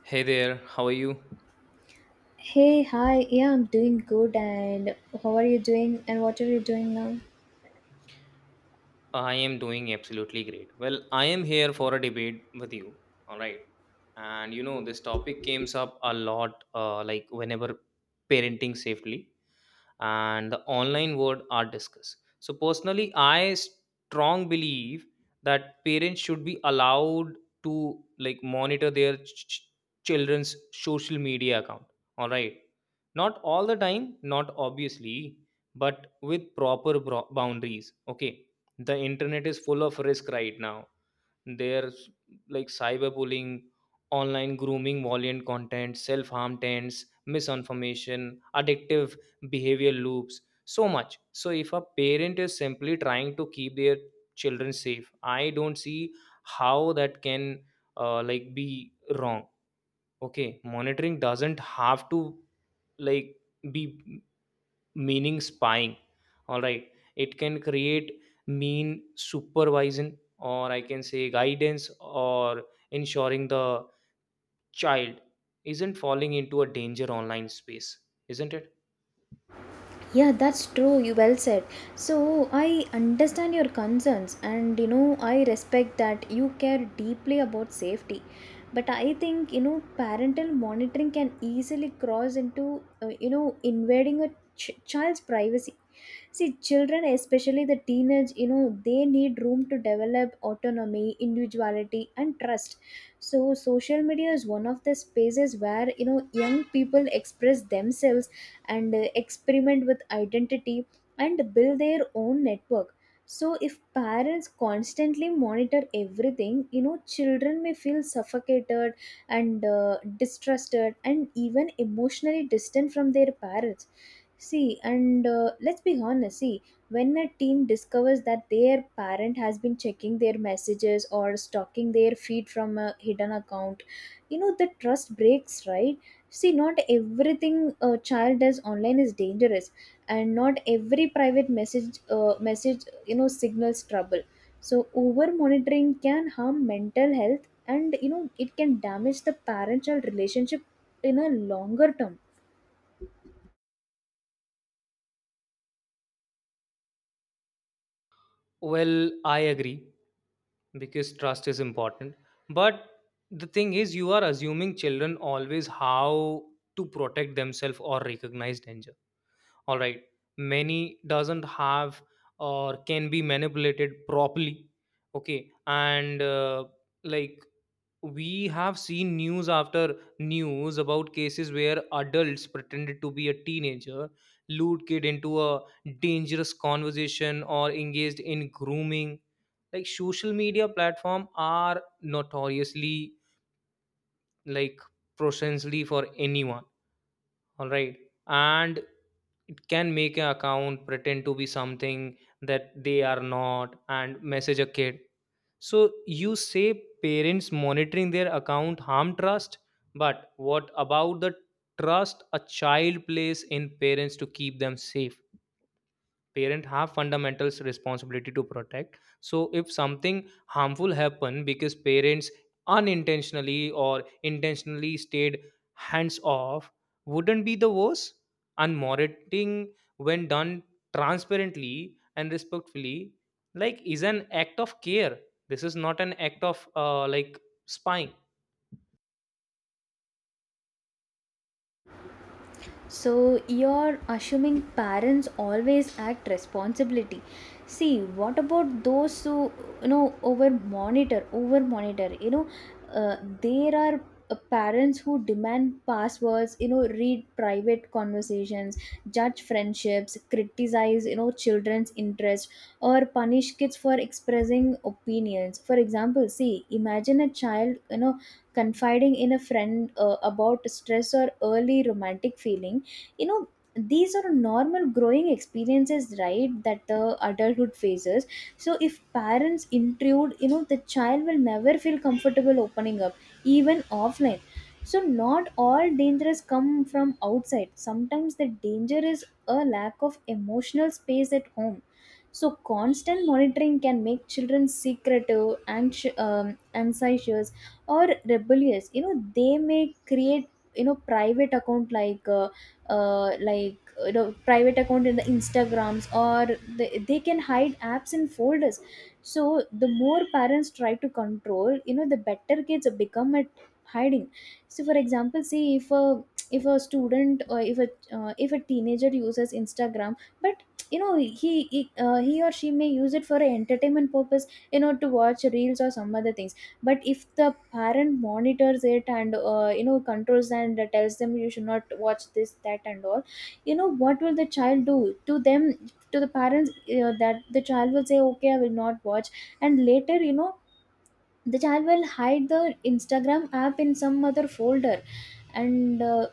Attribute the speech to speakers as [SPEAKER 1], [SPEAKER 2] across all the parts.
[SPEAKER 1] Hey there, how are you?
[SPEAKER 2] Hey, hi. Yeah, I'm doing good. And how are you doing? And what are you doing now?
[SPEAKER 1] I am doing absolutely great. Well, I am here for a debate with you. All right. This topic comes up a lot like whenever parenting safely and the online world are discussed. So personally, I strong believe that parents should be allowed to like monitor their children's social media account. All right, not all the time, not obviously, but with proper boundaries. Okay, the internet is full of risk right now. There's like cyberbullying, online grooming, violent content, self harm tents, misinformation, addictive behavior loops so much. So if a parent is simply trying to keep their children safe, I don't see how that can like be wrong. Okay, monitoring doesn't have to like be meaning spying. All right, it can create mean supervision, or I can say guidance, or ensuring the child isn't falling into a danger online space, isn't it?
[SPEAKER 2] Yeah, that's true. You well said. So, I understand your concerns, and you know, I respect that you care deeply about safety. But I think, you know, parental monitoring can easily cross into, you know, invading a child's privacy. See, children, especially the teenage, you know, they need room to develop autonomy, individuality, and trust. So, social media is one of the spaces where, you know, young people express themselves and experiment with identity and build their own network. So if parents constantly monitor everything, you know, children may feel suffocated and distrusted and even emotionally distant from their parents. See, and let's be honest, see, when a teen discovers that their parent has been checking their messages or stalking their feed from a hidden account, you know, the trust breaks, right? See, not everything a child does online is dangerous, and not every private message, you know, signals trouble. So over monitoring can harm mental health, and you know it can damage the parent-child relationship in a longer term.
[SPEAKER 1] Well, I agree because trust is important, but the thing is you are assuming children always how to protect themselves or recognize danger. All right, many doesn't have or can be manipulated properly. Okay and like we have seen news after news about cases where adults pretended to be a teenager, lured kid into a dangerous conversation, or engaged in grooming. Like social media platform are notoriously like proficiently for anyone. All right, and it can make an account pretend to be something that they are not and message a kid. So you say parents monitoring their account harm trust, but what about the trust a child places in parents to keep them safe? Parent have fundamental responsibility to protect, so if something harmful happen because parents unintentionally or intentionally stayed hands off, wouldn't be the worst? And monitoring, when done transparently and respectfully, like is an act of care. This is not an act of like spying.
[SPEAKER 2] So you're assuming parents always act responsibility. See, what about those who, you know, over monitor? You know, uh, there are parents who demand passwords. You know, read private conversations, judge friendships, criticize, you know, children's interest, or punish kids for expressing opinions. For example, see, imagine a child, you know, confiding in a friend about stress or early romantic feelings. You know, these are normal growing experiences, right, that the adulthood faces. So if parents intrude, you know, the child will never feel comfortable opening up, even offline. So not all dangers come from outside. Sometimes the danger is a lack of emotional space at home. So constant monitoring can make children secretive, anxi- um, anxious or rebellious. You know, they may create, you know, private account like you know, private account in the instagrams, or they can hide apps in folders. So the more parents try to control, you know, the better kids become at hiding. So for example, see, if a student, or if a teenager uses instagram, but you know, he or she may use it for a entertainment purpose, you know, to watch reels or some other things. But if the parent monitors it and, you know, controls and tells them you should not watch this, that, and all, you know what will the child do to them, to the parents? You know, that the child will say, okay, I will not watch, and later, you know, the child will hide the instagram app in some other folder. And,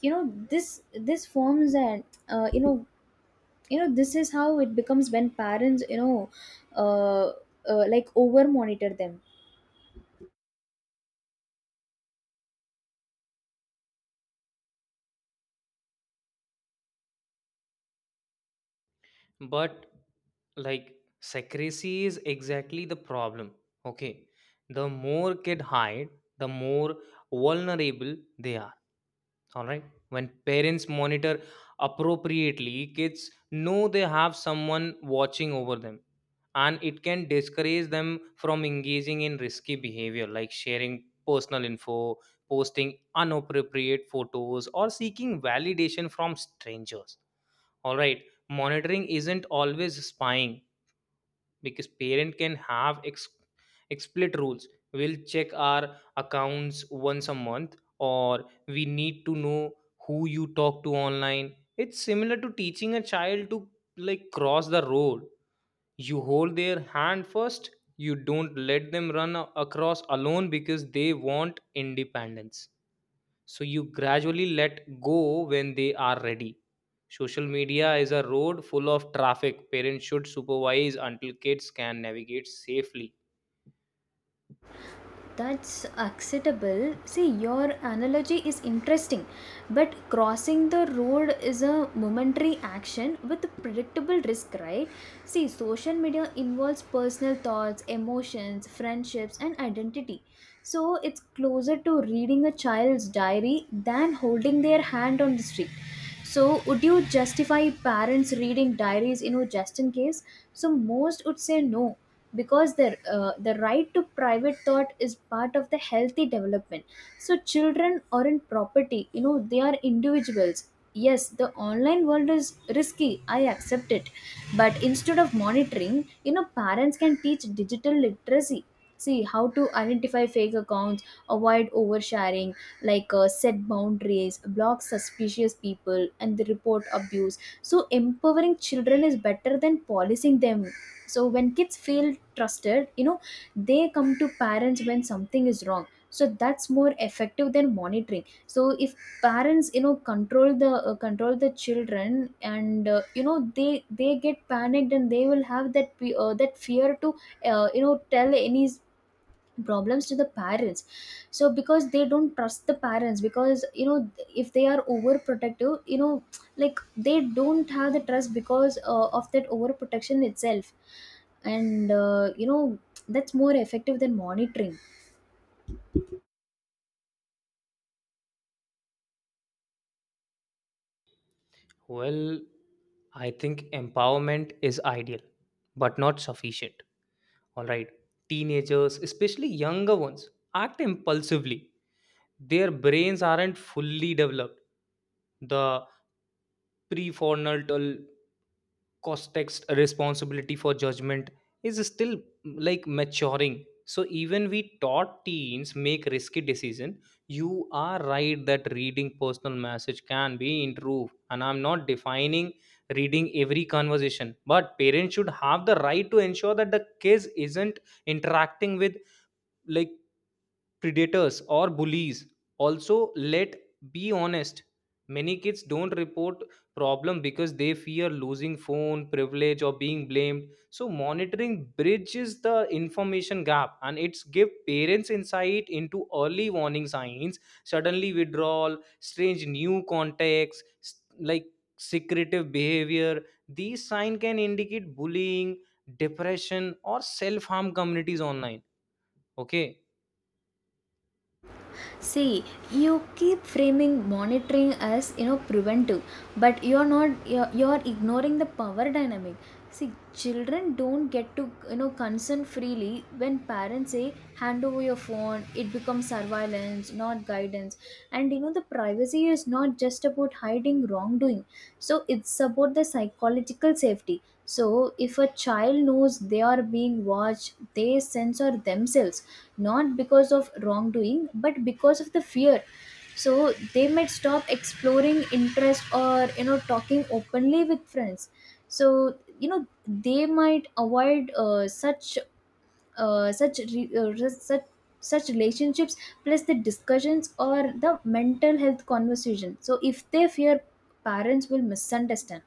[SPEAKER 2] you know, this forms and, you know, this is how it becomes when parents, you know, uh, over monitor them.
[SPEAKER 1] But like secrecy is exactly the problem. Okay, the more kid hide, the more vulnerable they are. All right, when parents monitor appropriately, kids know they have someone watching over them, and it can discourage them from engaging in risky behavior like sharing personal info, posting inappropriate photos, or seeking validation from strangers. All right, monitoring isn't always spying, because parent can have explicit rules. We'll check our accounts once a month, or we need to know who you talk to online. It's similar to teaching a child to like cross the road. You hold their hand first, you don't let them run across alone because they want independence, so you gradually let go when they are ready. Social media is a road full of traffic. Parents should supervise until kids can navigate safely.
[SPEAKER 2] That's acceptable. See, your analogy is interesting, but crossing the road is a momentary action with predictable risk, right? See, social media involves personal thoughts, emotions, friendships, and identity. So it's closer to reading a child's diary than holding their hand on the street. So, would you justify parents reading diaries, you know, just in case? So, most would say no, because the right to private thought is part of the healthy development. So children aren't property, you know, they are individuals. Yes, the online world is risky, I accept it, but instead of monitoring, you know, parents can teach digital literacy. See, how to identify fake accounts, avoid oversharing, set boundaries, block suspicious people, and the report abuse. So empowering children is better than policing them. So when kids feel trusted, you know, they come to parents when something is wrong. So that's more effective than monitoring. So if parents, you know, control the, children, and, you know, they get panicked, and they will have that fear to, you know, tell any problems to the parents. So because they don't trust the parents, because, you know, if they are overprotective, you know, like, they don't have the trust because, of that overprotection itself. And, you know, that's more effective than monitoring.
[SPEAKER 1] Well, I think empowerment is ideal, but not sufficient. All right. Teenagers, especially younger ones, act impulsively. Their brains aren't fully developed. The prefrontal context responsibility for judgment is still like maturing. So even we taught teens make risky decision. You are right that reading personal message can be improved, and I'm not defining reading every conversation, but parents should have the right to ensure that the kids isn't interacting with like predators or bullies. Also, let be honest, many kids don't report problem because they fear losing phone privilege or being blamed. So monitoring bridges the information gap, and it's give parents insight into early warning signs: suddenly withdrawal, strange new contacts, like secretive behavior. These signs can indicate bullying, depression, or self harm communities online. Okay.
[SPEAKER 2] See, you keep framing monitoring as, you know, preventive, but you're not you're, you're ignoring the power dynamic. See, children don't get to, you know, consent freely. When parents say hand over your phone, it becomes surveillance, not guidance. And you know, the privacy is not just about hiding wrongdoing. So it's about the psychological safety. So if a child knows they are being watched, they censor themselves, not because of wrongdoing, but because of the fear. So they might stop exploring interest, or, you know, talking openly with friends. So you know, they might avoid, uh, such re- uh, re- such such relationships, plus the discussions or the mental health conversation, so if they fear parents will misunderstand.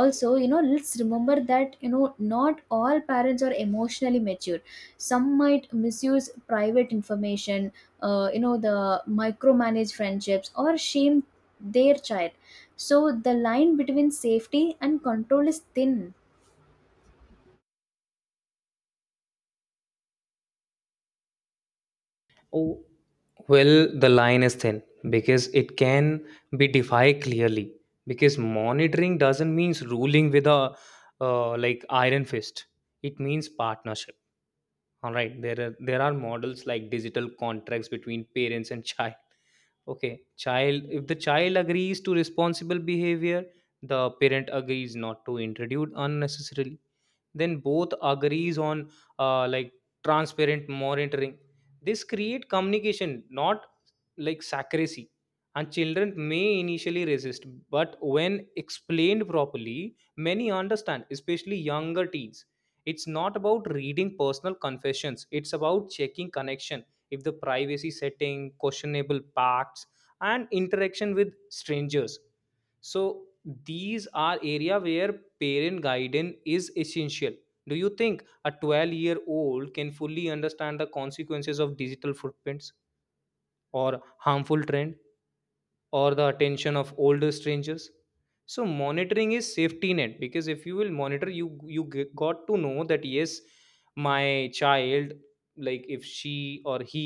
[SPEAKER 2] Also, you know, let's remember that, you know, not all parents are emotionally mature. Some might misuse private information, you know, the micromanage friendships or shame their child. So the line between safety and control is thin.
[SPEAKER 1] Oh, well, the line is thin because it can be defined clearly. Because monitoring doesn't mean ruling with a like iron fist. It means partnership. All right, there are models like digital contracts between parents and child. Okay, child. If the child agrees to responsible behavior, the parent agrees not to introduce unnecessarily, then both agrees on like transparent monitoring. This create communication, not like secrecy. And children may initially resist, but when explained properly, many understand, especially younger teens. It's not about reading personal confessions, it's about checking connection, if the privacy setting questionable pacts, and interaction with strangers. So these are area where parent guidance is essential. Do you think a 12-year-old can fully understand the consequences of digital footprints or harmful trend? Or the attention of older strangers? So monitoring is safety net, because if you will monitor, you got to know that yes, my child, like if she or he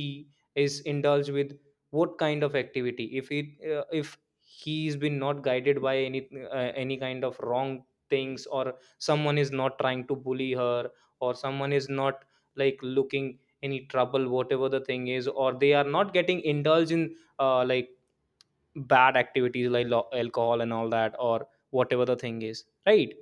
[SPEAKER 1] is indulged with what kind of activity, if it if he's been not guided by any kind of wrong things, or someone is not trying to bully her, or someone is not like looking any trouble, whatever the thing is, or they are not getting indulged in like bad activities like alcohol and all that, or whatever the thing is, right?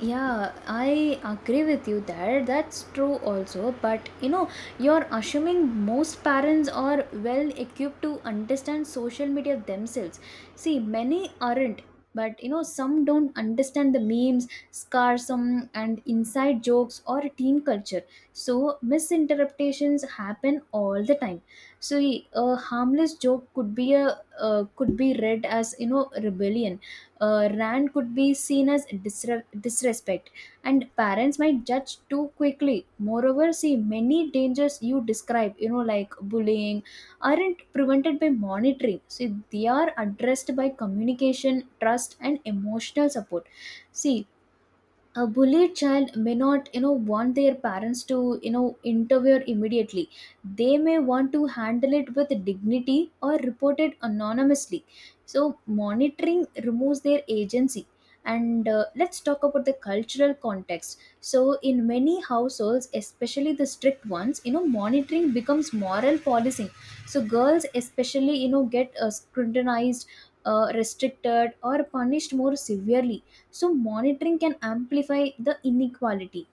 [SPEAKER 2] Yeah, I agree with you there. That's true also. But you know, you're assuming most parents are well equipped to understand social media themselves. See, many aren't. But you know, some don't understand the memes, scarsum, and inside jokes or teen culture. So, misinterpretations happen all the time. So, a harmless joke could be read as, you know, rebellion. Rant could be seen as disrespect, and parents might judge too quickly. Moreover, see, many dangers you describe, you know, like bullying, aren't prevented by monitoring. See, they are addressed by communication, trust, and emotional support. See, a bullied child may not, you know, want their parents to, you know, intervene immediately. They may want to handle it with dignity or report it anonymously. So monitoring removes their agency. And, let's talk about the cultural context. So in many households, especially the strict ones, you know, monitoring becomes moral policing. So girls especially, you know, get, scrutinized, restricted, or punished more severely. So monitoring can amplify the inequality.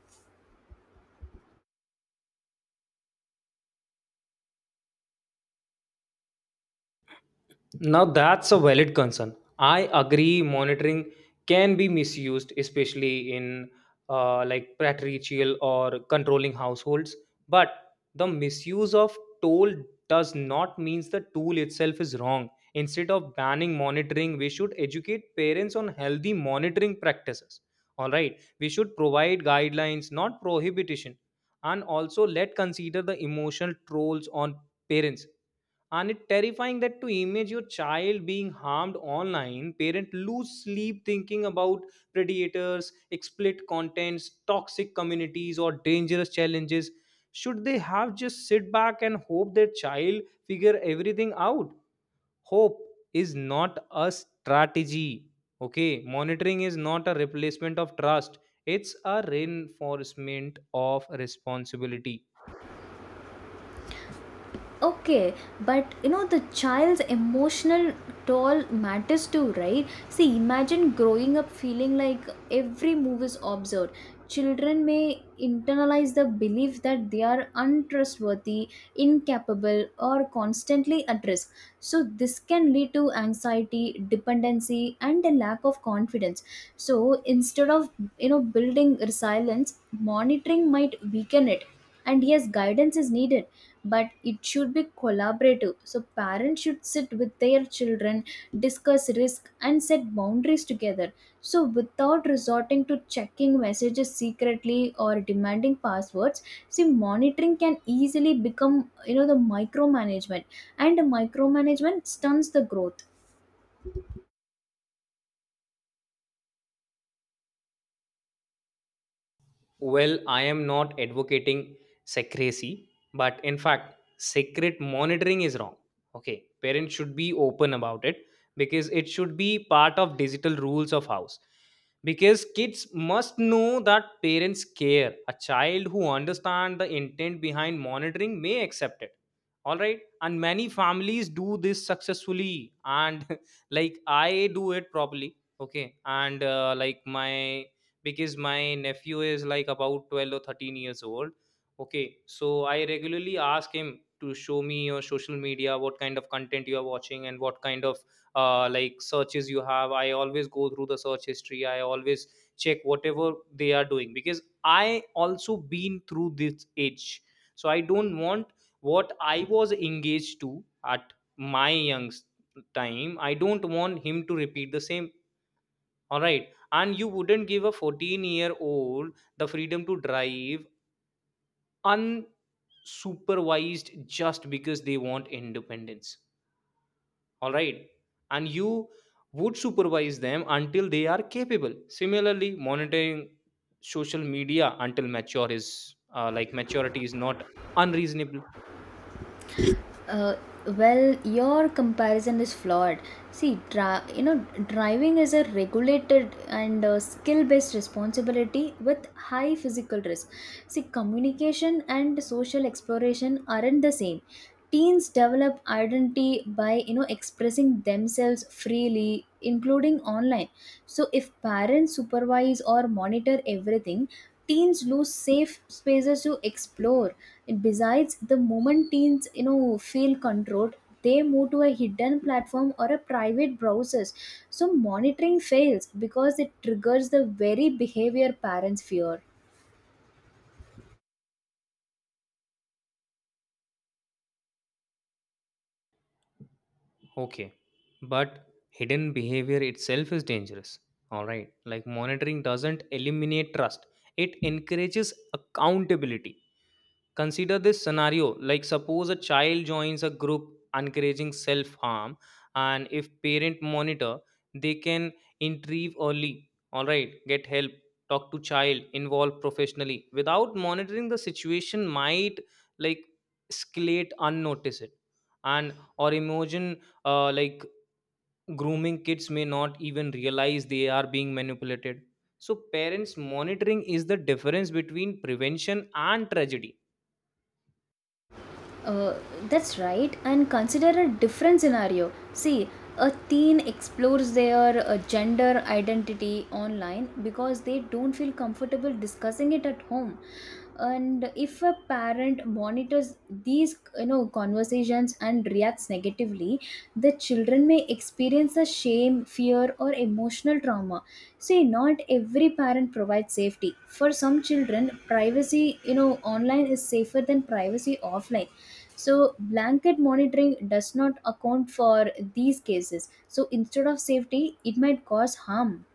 [SPEAKER 1] Now that's a valid concern. I agree monitoring can be misused, especially in like patriarchal or controlling households. But the misuse of toll does not means the tool itself is wrong. Instead of banning monitoring, we should educate parents on healthy monitoring practices. All right, we should provide guidelines, not prohibition, and also let consider the emotional trolls on parents. And it's terrifying that to image your child being harmed online. Parents lose sleep thinking about predators, explicit contents, toxic communities, or dangerous challenges. Should they have just sit back and hope their child figure everything out? Hope is not a strategy. Okay, monitoring is not a replacement of trust, it's a reinforcement of responsibility.
[SPEAKER 2] Okay, but you know, the child's emotional toll matters too, right? See, imagine growing up feeling like every move is observed. Children may internalize the belief that they are untrustworthy, incapable, or constantly at risk. So this can lead to anxiety, dependency, and a lack of confidence. So instead of, you know, building resilience, monitoring might weaken it. And yes, guidance is needed, but it should be collaborative. So parents should sit with their children, discuss risk, and set boundaries together, so without resorting to checking messages secretly or demanding passwords. See, monitoring can easily become, you know, the micromanagement, and micromanagement stunts the growth.
[SPEAKER 1] Well, I am not advocating secrecy, but in fact, secret monitoring is wrong. Okay, parents should be open about it because it should be part of digital rules of house. Because kids must know that parents care. A child who understands the intent behind monitoring may accept it. All right, and many families do this successfully, and like I do it properly. Okay, and like my, because my nephew is like about 12 or 13 years old. Okay, so I regularly ask him to show me your social media, what kind of content you are watching, and what kind of like searches you have. I always go through the search history, I always check whatever they are doing, because I also been through this age. So I don't want what I was engaged to at my young time, I don't want him to repeat the same. All right. And you wouldn't give a 14-year-old the freedom to drive unsupervised just because they want independence. All right. And you would supervise them until they are capable. Similarly, monitoring social media until mature is like maturity is not unreasonable.
[SPEAKER 2] Uh, well, your comparison is flawed. See, you know, driving is a regulated and, skill-based responsibility with high physical risk. See, communication and social exploration aren't the same. Teens develop identity by, you know, expressing themselves freely, including online. So, if parents supervise or monitor everything, teens lose safe spaces to explore. And besides, the moment teens, you know, feel controlled, they move to a hidden platform or a private browsers. So monitoring fails because it triggers the very behavior parents fear.
[SPEAKER 1] Okay. But hidden behavior itself is dangerous. All right. Like monitoring doesn't eliminate trust, it encourages accountability. Consider this scenario, like suppose a child joins a group encouraging self harm, and if parent monitor, they can intervene early. All right, get help, talk to child, involve professionally. Without monitoring, the situation might like escalate unnoticed. And or imagine like grooming, kids may not even realize they are being manipulated. So parents monitoring is the difference between prevention and tragedy.
[SPEAKER 2] Uh, that's right. And consider a different scenario. See, a teen explores their, gender identity online because they don't feel comfortable discussing it at home. And if a parent monitors these, you know, conversations and reacts negatively, the children may experience a shame, fear, or emotional trauma. See, not every parent provides safety. For some children, privacy, you know, online is safer than privacy offline. So blanket monitoring does not account for these cases. So instead of safety, it might cause harm.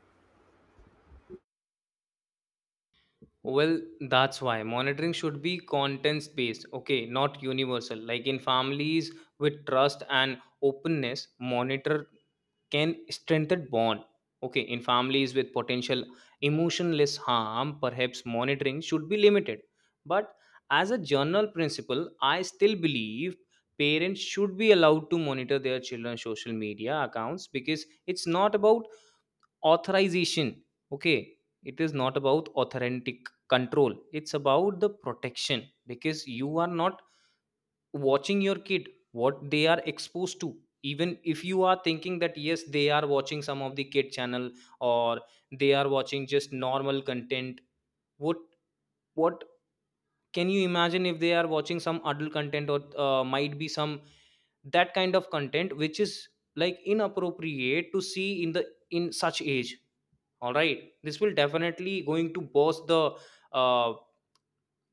[SPEAKER 1] Well, that's why monitoring should be context based, okay, not universal. Like in families with trust and openness, monitor can strengthen bond. Okay, in families with potential emotionless harm, perhaps monitoring should be limited. But as a general principle, I still believe parents should be allowed to monitor their children's social media accounts, because it's not about authorization. Okay, it is not about authentic control, it's about the protection. Because you are not watching your kid what they are exposed to. Even if you are thinking that yes, they are watching some of the kid channel, or they are watching just normal content, what what can you imagine if they are watching some adult content, or might be some that kind of content which is like inappropriate to see in the in such age. All right, this will definitely going to boss the uh,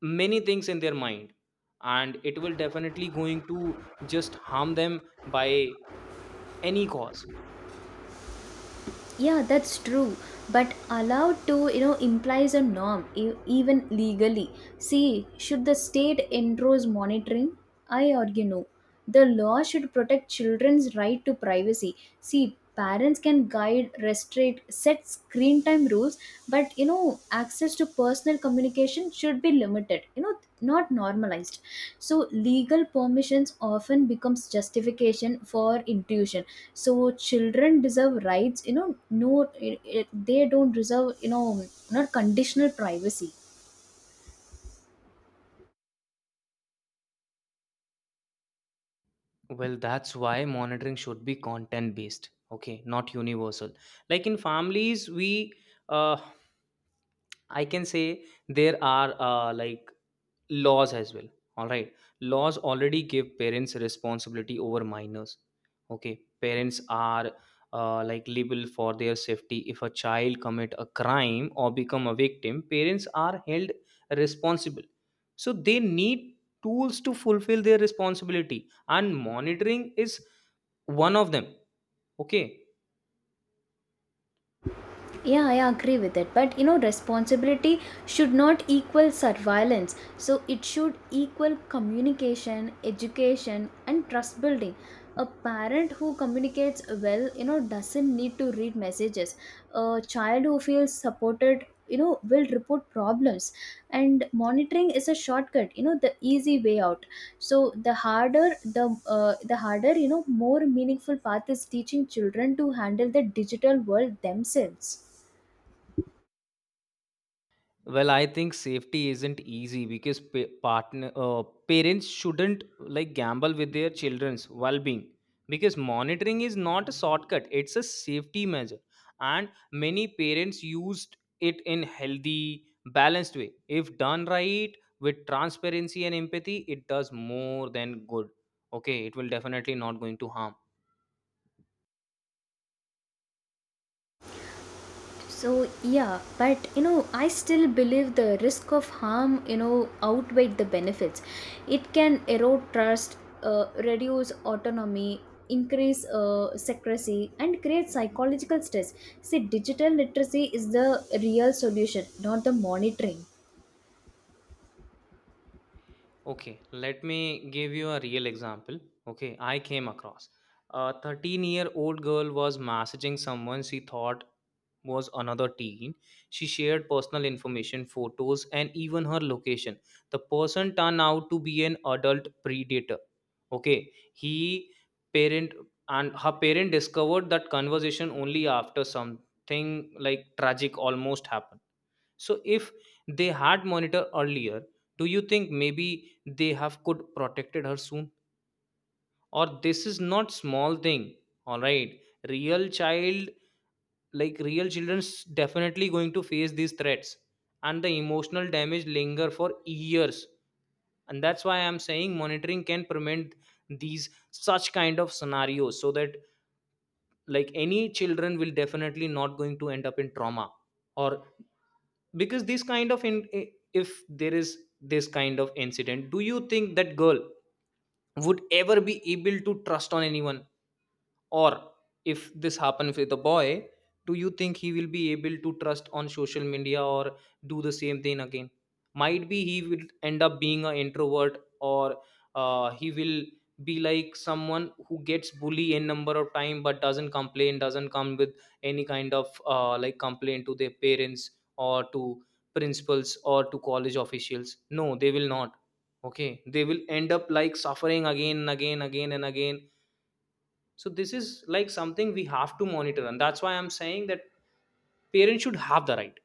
[SPEAKER 1] many things in their mind, and it will definitely going to just harm them by any cause.
[SPEAKER 2] Yeah, that's true. But allowed to, you know, implies a norm, even legally. See, should the state endorse monitoring? I argue no. The law should protect children's right to privacy. See, parents can guide, restrict, set screen time rules, but, you know, access to personal communication should be limited, you know, not normalized. So, legal permissions often becomes justification for intrusion. So children deserve rights, you know, no, they don't deserve, you know, not conditional privacy.
[SPEAKER 1] Well, that's why monitoring should be content based, okay, not universal. Like in families we uh, I can say, there are like laws as well. All right, laws already give parents responsibility over minors. Okay, parents are like liable for their safety. If a child commit a crime or become a victim, parents are held responsible. So they need tools to fulfill their responsibility, and monitoring is one of them. Okay.
[SPEAKER 2] Yeah, I agree with it. But you know, responsibility should not equal surveillance. So it should equal communication, education, and trust building. A parent who communicates well, you know, doesn't need to read messages. A child who feels supported, you know, will report problems. And monitoring is a shortcut, you know, the easy way out. So the harder, you know, more meaningful path is teaching children to handle the digital world themselves.
[SPEAKER 1] Well, I think safety isn't easy because pa- partner parents shouldn't like gamble with their children's well-being, because monitoring is not a shortcut, it's a safety measure, and many parents used it in healthy, balanced way. If done right with transparency and empathy, it does more than good. Okay, it will definitely not going to harm.
[SPEAKER 2] So yeah, but you know, I still believe the risk of harm, you know, outweigh the benefits. It can erode trust, reduce autonomy, increase secrecy, and create psychological stress. See, digital literacy is the real solution, not the monitoring.
[SPEAKER 1] Okay, let me give you a real example. Okay, I came across a 13-year-old girl was messaging someone she thought was another teen. She shared personal information, photos, and even her location. The person turned out to be an adult predator. Okay, he parent and her parent discovered that conversation only after something like tragic almost happened. So if they had monitor earlier, do you think maybe they have could protected her soon? Or this is not small thing. All right, real child like real children's definitely going to face these threats, and the emotional damage linger for years, and that's why I'm saying monitoring can prevent these such kind of scenarios, so that like any children will definitely not going to end up in trauma. Or because this kind of in if there is this kind of incident, do you think that girl would ever be able to trust on anyone? Or if this happens with a boy, do you think he will be able to trust on social media or do the same thing again? Might be he will end up being an introvert or he will be like someone who gets bully n number of time but doesn't complain, doesn't come with any kind of like complaint to their parents or to principals or to college officials. No, they will not. Okay, they will end up like suffering again and again, again and again. So this is like something we have to monitor, and that's why I'm saying that parents should have the right.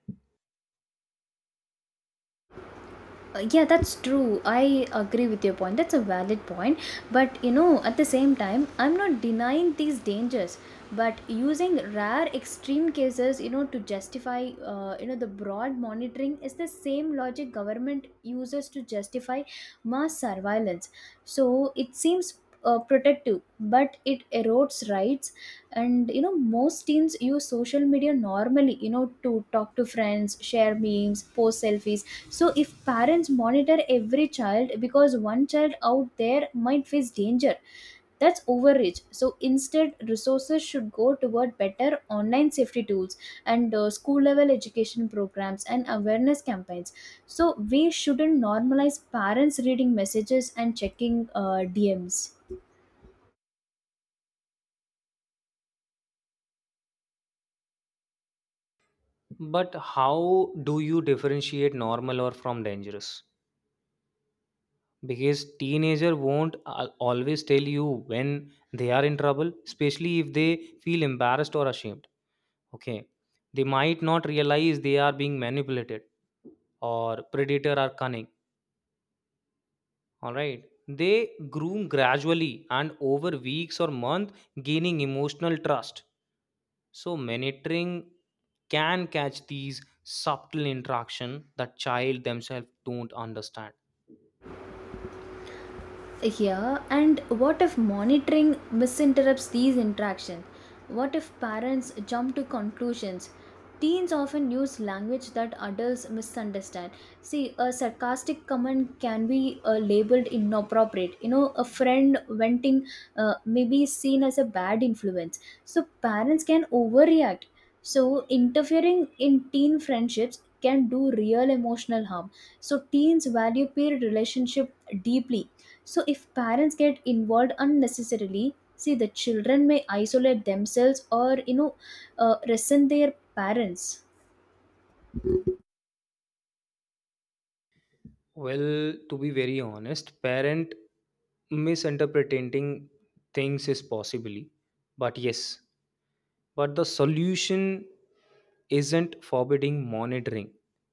[SPEAKER 2] Yeah, that's true, I agree with your point, that's a valid point, but you know, at the same time, I'm not denying these dangers. But using rare extreme cases, you know, to justify, you know, the broad monitoring is the same logic government uses to justify mass surveillance. So it seems, protective, but it erodes rights. And you know, most teens use social media normally, you know, to talk to friends, share memes, post selfies. So if parents monitor every child because one child out there might face danger, that's overreach. So instead, resources should go toward better online safety tools, and, school level education programs and awareness campaigns. So we shouldn't normalize parents reading messages and checking DMs.
[SPEAKER 1] But how do you differentiate normal or from dangerous? Because teenager won't always tell you when they are in trouble, especially if they feel embarrassed or ashamed. Okay. They might not realize they are being manipulated, or predator are cunning. All right. They groom gradually and over weeks or month gaining emotional trust. So monitoring can catch these subtle interaction that child themselves don't understand.
[SPEAKER 2] Yeah, and what if monitoring misinterrupts these interactions? What if parents jump to conclusions? Teens often use language that adults misunderstand. See, a sarcastic comment can be, labeled inappropriate. You know, a friend venting may be seen as a bad influence. So, parents can overreact. So, interfering in teen friendships can do real emotional harm. So teens value peer relationship deeply. So if parents get involved unnecessarily, see, the children may isolate themselves, or, you know, resent their parents.
[SPEAKER 1] Well, to be very honest, parent misinterpreting things is possibly, but yes, but the solution isn't forbidding monitoring.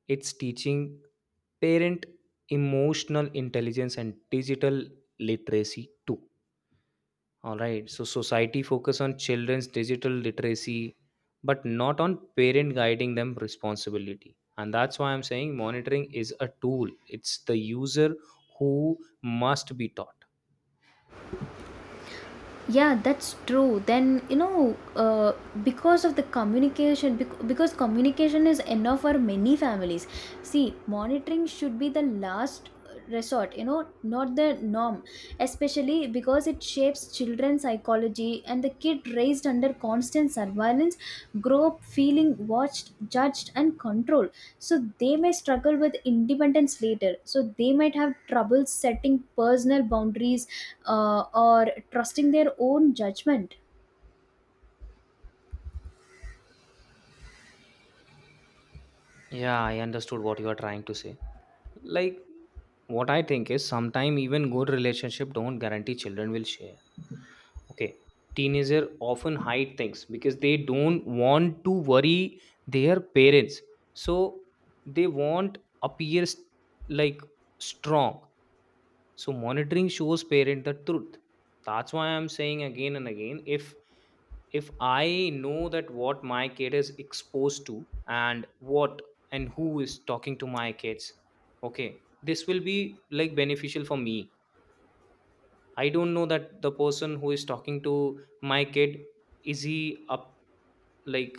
[SPEAKER 1] It's teaching parent emotional intelligence and digital literacy too. All right. So society focus on children's digital literacy, but not on parent guiding them responsibility. And that's why I'm saying monitoring is a tool. It's the user who must be taught.
[SPEAKER 2] Yeah, that's true. Then, you know, because of the communication bec- because communication is enough for many families. See, monitoring should be the last resort, you know, not the norm, especially because it shapes children's psychology, and the kid raised under constant surveillance grow up feeling watched, judged, and controlled. So they may struggle with independence later. So they might have trouble setting personal boundaries, or trusting their own judgment.
[SPEAKER 1] Yeah, I understood what you are trying to say. Like, what I think is sometimes even good relationship don't guarantee children will share. Okay, teenager often hide things because they don't want to worry their parents, so they want appears like strong. So monitoring shows parent the truth. That's why I'm saying again and again, if I know that what my kid is exposed to and what and who is talking to my kids, okay, this will be like beneficial for me. I don't know that the person who is talking to my kid is he up like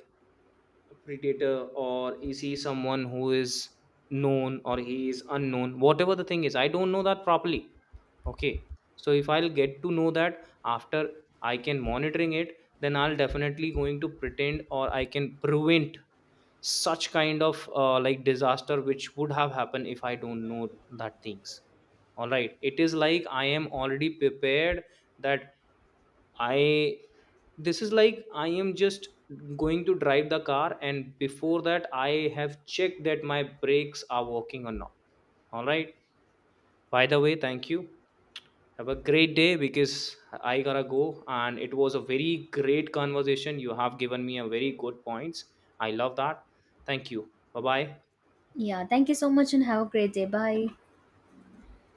[SPEAKER 1] a predator, or is he someone who is known, or he is unknown, whatever the thing is. I don't know that properly. Okay. So if I'll get to know that after I can monitoring it, then I'll definitely going to pretend, or I can prevent such kind of like disaster which would have happened if I don't know that things. All right. It is like I am already prepared that I, this is like I am just going to drive the car, and before that I have checked that my brakes are working or not. All right. By the way, thank you. Have a great day, because I gotta go and it was a very great conversation. You have given me a very good points. I love that. Thank you. Bye bye.
[SPEAKER 2] Yeah, thank you so much and have a great day. Bye.